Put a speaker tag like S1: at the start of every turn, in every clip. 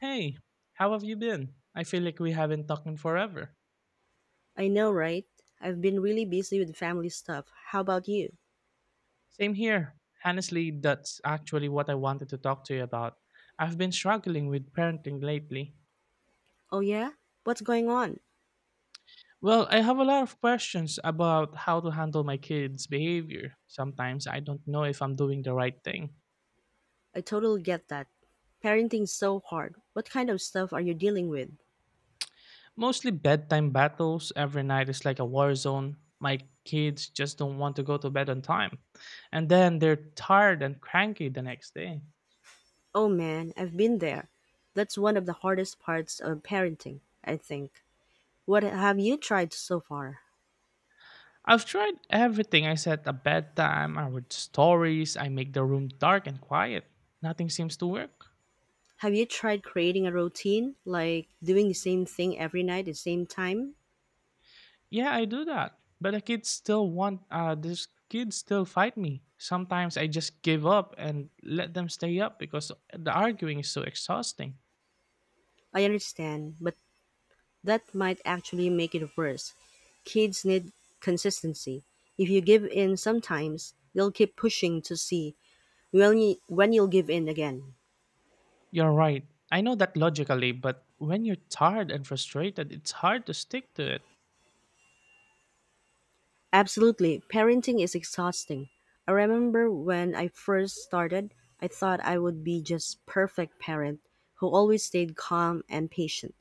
S1: Hey, how have you been? I feel like we haven't talked in forever.
S2: I know, right? I've been really busy with family stuff. How about you?
S1: Same here. Honestly, that's actually what I wanted to talk to you about. I've been struggling with parenting lately.
S2: Oh, yeah? What's going on?
S1: Well, I have a lot of questions about how to handle my kids' behavior. Sometimes I don't know if I'm doing the right thing.
S2: I totally get that. Parenting's so hard. What kind of stuff are you dealing with?
S1: Mostly bedtime battles. Every night is like a war zone. My kids just don't want to go to bed on time. And then they're tired and cranky the next day.
S2: Oh, man, I've been there. That's one of the hardest parts of parenting, I think. What have you tried so far?
S1: I've tried everything. I set a bedtime, I read stories, I make the room dark and quiet. Nothing seems to work.
S2: Have you tried creating a routine, like doing the same thing every night at the same time?
S1: Yeah, I do that. But these kids still fight me. Sometimes I just give up and let them stay up because the arguing is so exhausting.
S2: I understand, but that might actually make it worse. Kids need consistency. If you give in sometimes, they'll keep pushing to see when you'll give in again.
S1: You're right. I know that logically, but when you're tired and frustrated, it's hard to stick to it.
S2: Absolutely, parenting is exhausting. I remember when I first started, I thought I would be just perfect parent who always stayed calm and patient.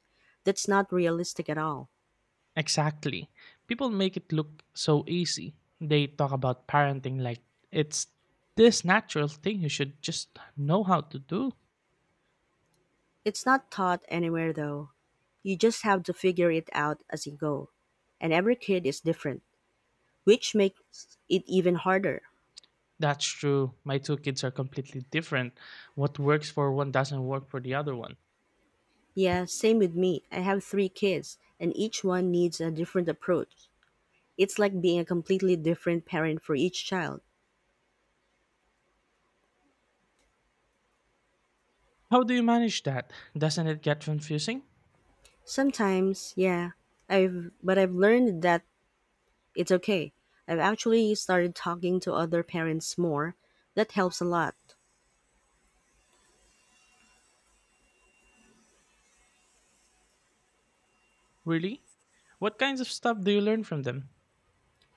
S2: That's not realistic at all.
S1: Exactly. People make it look so easy. They talk about parenting like it's this natural thing you should just know how to do.
S2: It's not taught anywhere though. You just have to figure it out as you go. And every kid is different, which makes it even harder.
S1: That's true. My two kids are completely different. What works for one doesn't work for the other one.
S2: Yeah, same with me. I have three kids, and each one needs a different approach. It's like being a completely different parent for each child.
S1: How do you manage that? Doesn't it get confusing?
S2: Sometimes, yeah, I've learned that it's okay. I've actually started talking to other parents more. That helps a lot.
S1: Really? What kinds of stuff do you learn from them?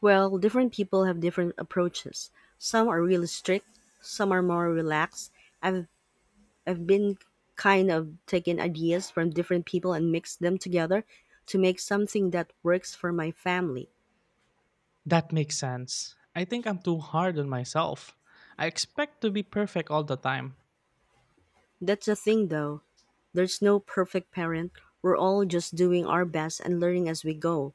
S2: Well, different people have different approaches. Some are really strict, some are more relaxed. I've I've been kind of taking ideas from different people and mixed them together to make something that works for my family.
S1: That makes sense. I think I'm too hard on myself. I expect to be perfect all the time.
S2: That's the thing though. There's no perfect parent. We're all just doing our best and learning as we go.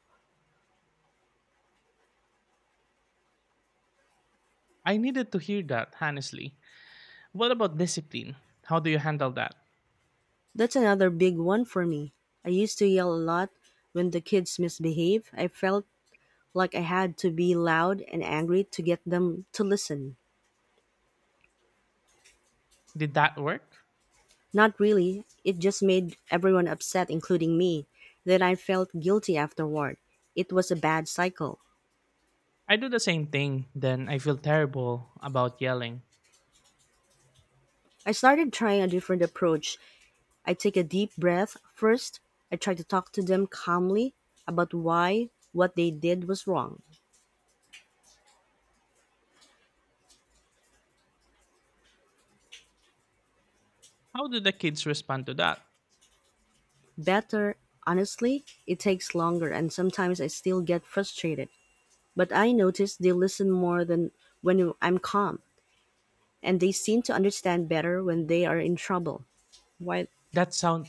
S1: I needed to hear that, honestly. What about discipline? How do you handle that?
S2: That's another big one for me. I used to yell a lot when the kids misbehave. I felt like I had to be loud and angry to get them to listen.
S1: Did that work?
S2: Not really, it just made everyone upset including me. Then I felt guilty afterward. It was a bad cycle.
S1: I do the same thing, then I feel terrible about yelling.
S2: I started trying a different approach. I take a deep breath first. I try to talk to them calmly about why what they did was wrong.
S1: How do the kids respond to that?
S2: Better, honestly, it takes longer and sometimes I still get frustrated. But I notice they listen more than when I'm calm, and they seem to understand better when they are in trouble. Why
S1: That sound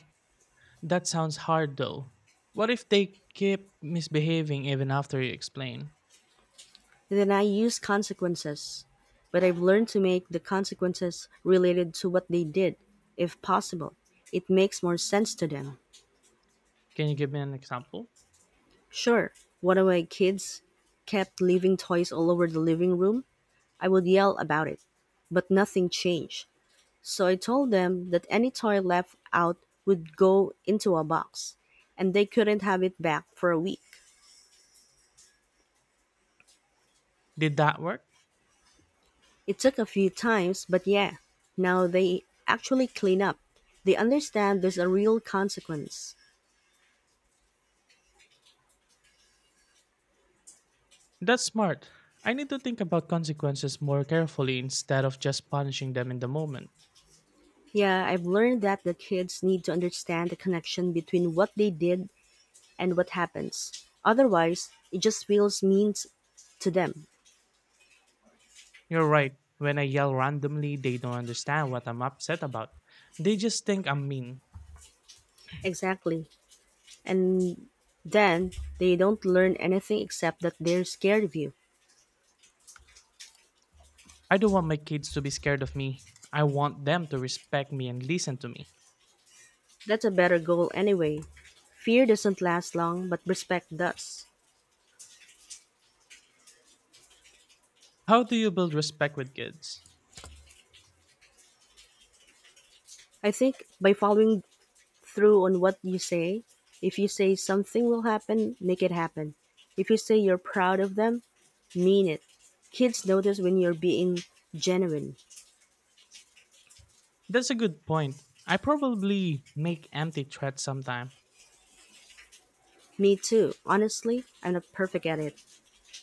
S1: that sounds hard though. What if they keep misbehaving even after you explain?
S2: Then I use consequences, but I've learned to make the consequences related to what they did, if possible. It makes more sense to them.
S1: Can you give me an example?
S2: Sure, one of my kids kept leaving toys all over the living room. I would yell about it, but nothing changed. So I told them that any toy left out would go into a box, and they couldn't have it back for a week.
S1: Did that work?
S2: It took a few times, but yeah, now they actually clean up. They understand there's a real consequence.
S1: That's smart. I need to think about consequences more carefully instead of just punishing them in the moment.
S2: Yeah, I've learned that the kids need to understand the connection between what they did and what happens. Otherwise, it just feels mean to them.
S1: You're right. When I yell randomly, they don't understand what I'm upset about. They just think I'm mean.
S2: Exactly. And then they don't learn anything except that they're scared of you.
S1: I don't want my kids to be scared of me. I want them to respect me and listen to me.
S2: That's a better goal anyway. Fear doesn't last long, but respect does.
S1: How do you build respect with kids?
S2: I think by following through on what you say. If you say something will happen, make it happen. If you say you're proud of them, mean it. Kids notice when you're being genuine.
S1: That's a good point. I probably make empty threats sometime.
S2: Me too. Honestly, I'm not perfect at it,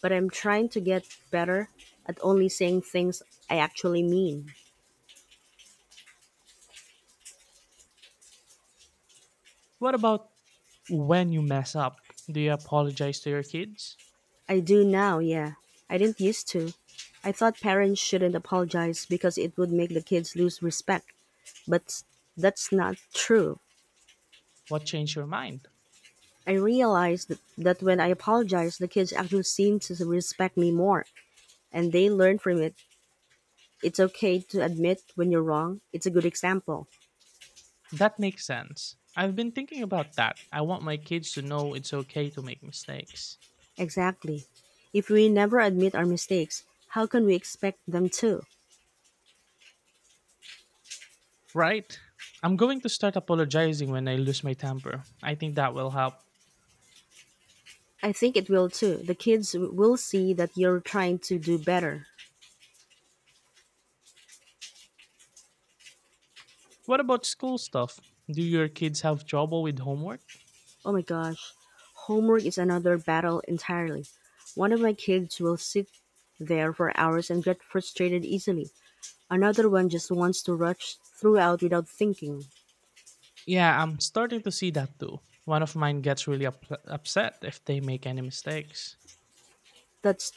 S2: but I'm trying to get better at only saying things I actually mean.
S1: What about when you mess up? Do you apologize to your kids?
S2: I do now, yeah. I didn't used to. I thought parents shouldn't apologize because it would make the kids lose respect, but that's not true.
S1: What changed your mind?
S2: I realized that when I apologized, the kids actually seemed to respect me more, and they learned from it. It's okay to admit when you're wrong. It's a good example.
S1: That makes sense. I've been thinking about that. I want my kids to know it's okay to make mistakes.
S2: Exactly. If we never admit our mistakes, how can we expect them to?
S1: Right? I'm going to start apologizing when I lose my temper. I think that will help.
S2: I think it will too. The kids will see that you're trying to do better.
S1: What about school stuff? Do your kids have trouble with homework?
S2: Oh my gosh. Homework is another battle entirely. One of my kids will sit there for hours and get frustrated easily. Another one just wants to rush throughout without thinking.
S1: Yeah, I'm starting to see that too. One of mine gets really upset if they make any mistakes.
S2: That's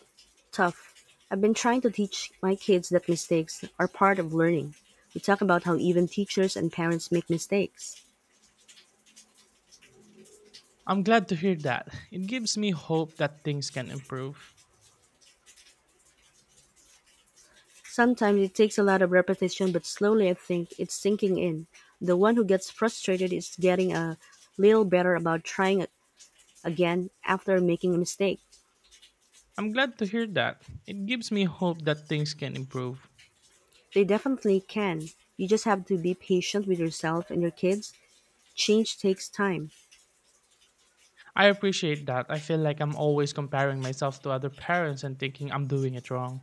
S2: tough. I've been trying to teach my kids that mistakes are part of learning. We talk about how even teachers and parents make mistakes.
S1: I'm glad to hear that. It gives me hope that things can improve.
S2: Sometimes it takes a lot of repetition, but slowly I think it's sinking in. The one who gets frustrated is getting a little better about trying again after making a mistake.
S1: I'm glad to hear that. It gives me hope that things can improve.
S2: They definitely can. You just have to be patient with yourself and your kids. Change takes time.
S1: I appreciate that. I feel like I'm always comparing myself to other parents and thinking I'm doing it wrong.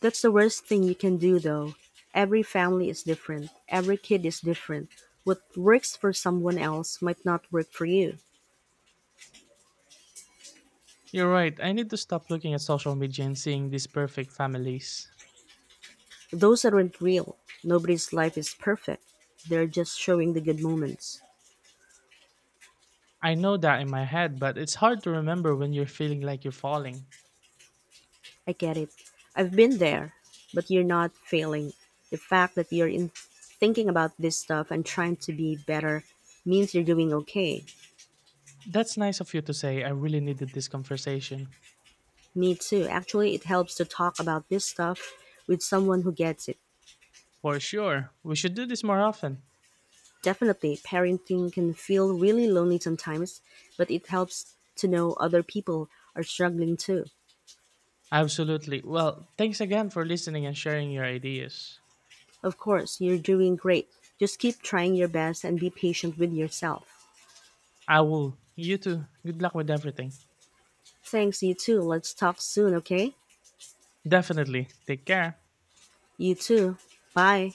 S2: That's the worst thing you can do, though. Every family is different, every kid is different. What works for someone else might not work for you.
S1: You're right. I need to stop looking at social media and seeing these perfect families.
S2: Those aren't real. Nobody's life is perfect. They're just showing the good moments.
S1: I know that in my head, but it's hard to remember when you're feeling like you're falling.
S2: I get it. I've been there, but you're not failing. The fact that you're in thinking about this stuff and trying to be better means you're doing okay.
S1: That's nice of you to say. I really needed this conversation.
S2: Me too. Actually, it helps to talk about this stuff with someone who gets it.
S1: For sure. We should do this more often.
S2: Definitely, parenting can feel really lonely sometimes, but it helps to know other people are struggling too.
S1: Absolutely. Well, thanks again for listening and sharing your ideas.
S2: Of course, you're doing great. Just keep trying your best and be patient with yourself.
S1: I will. You too. Good luck with everything.
S2: Thanks, you too. Let's talk soon, okay?
S1: Definitely. Take care.
S2: You too. Bye.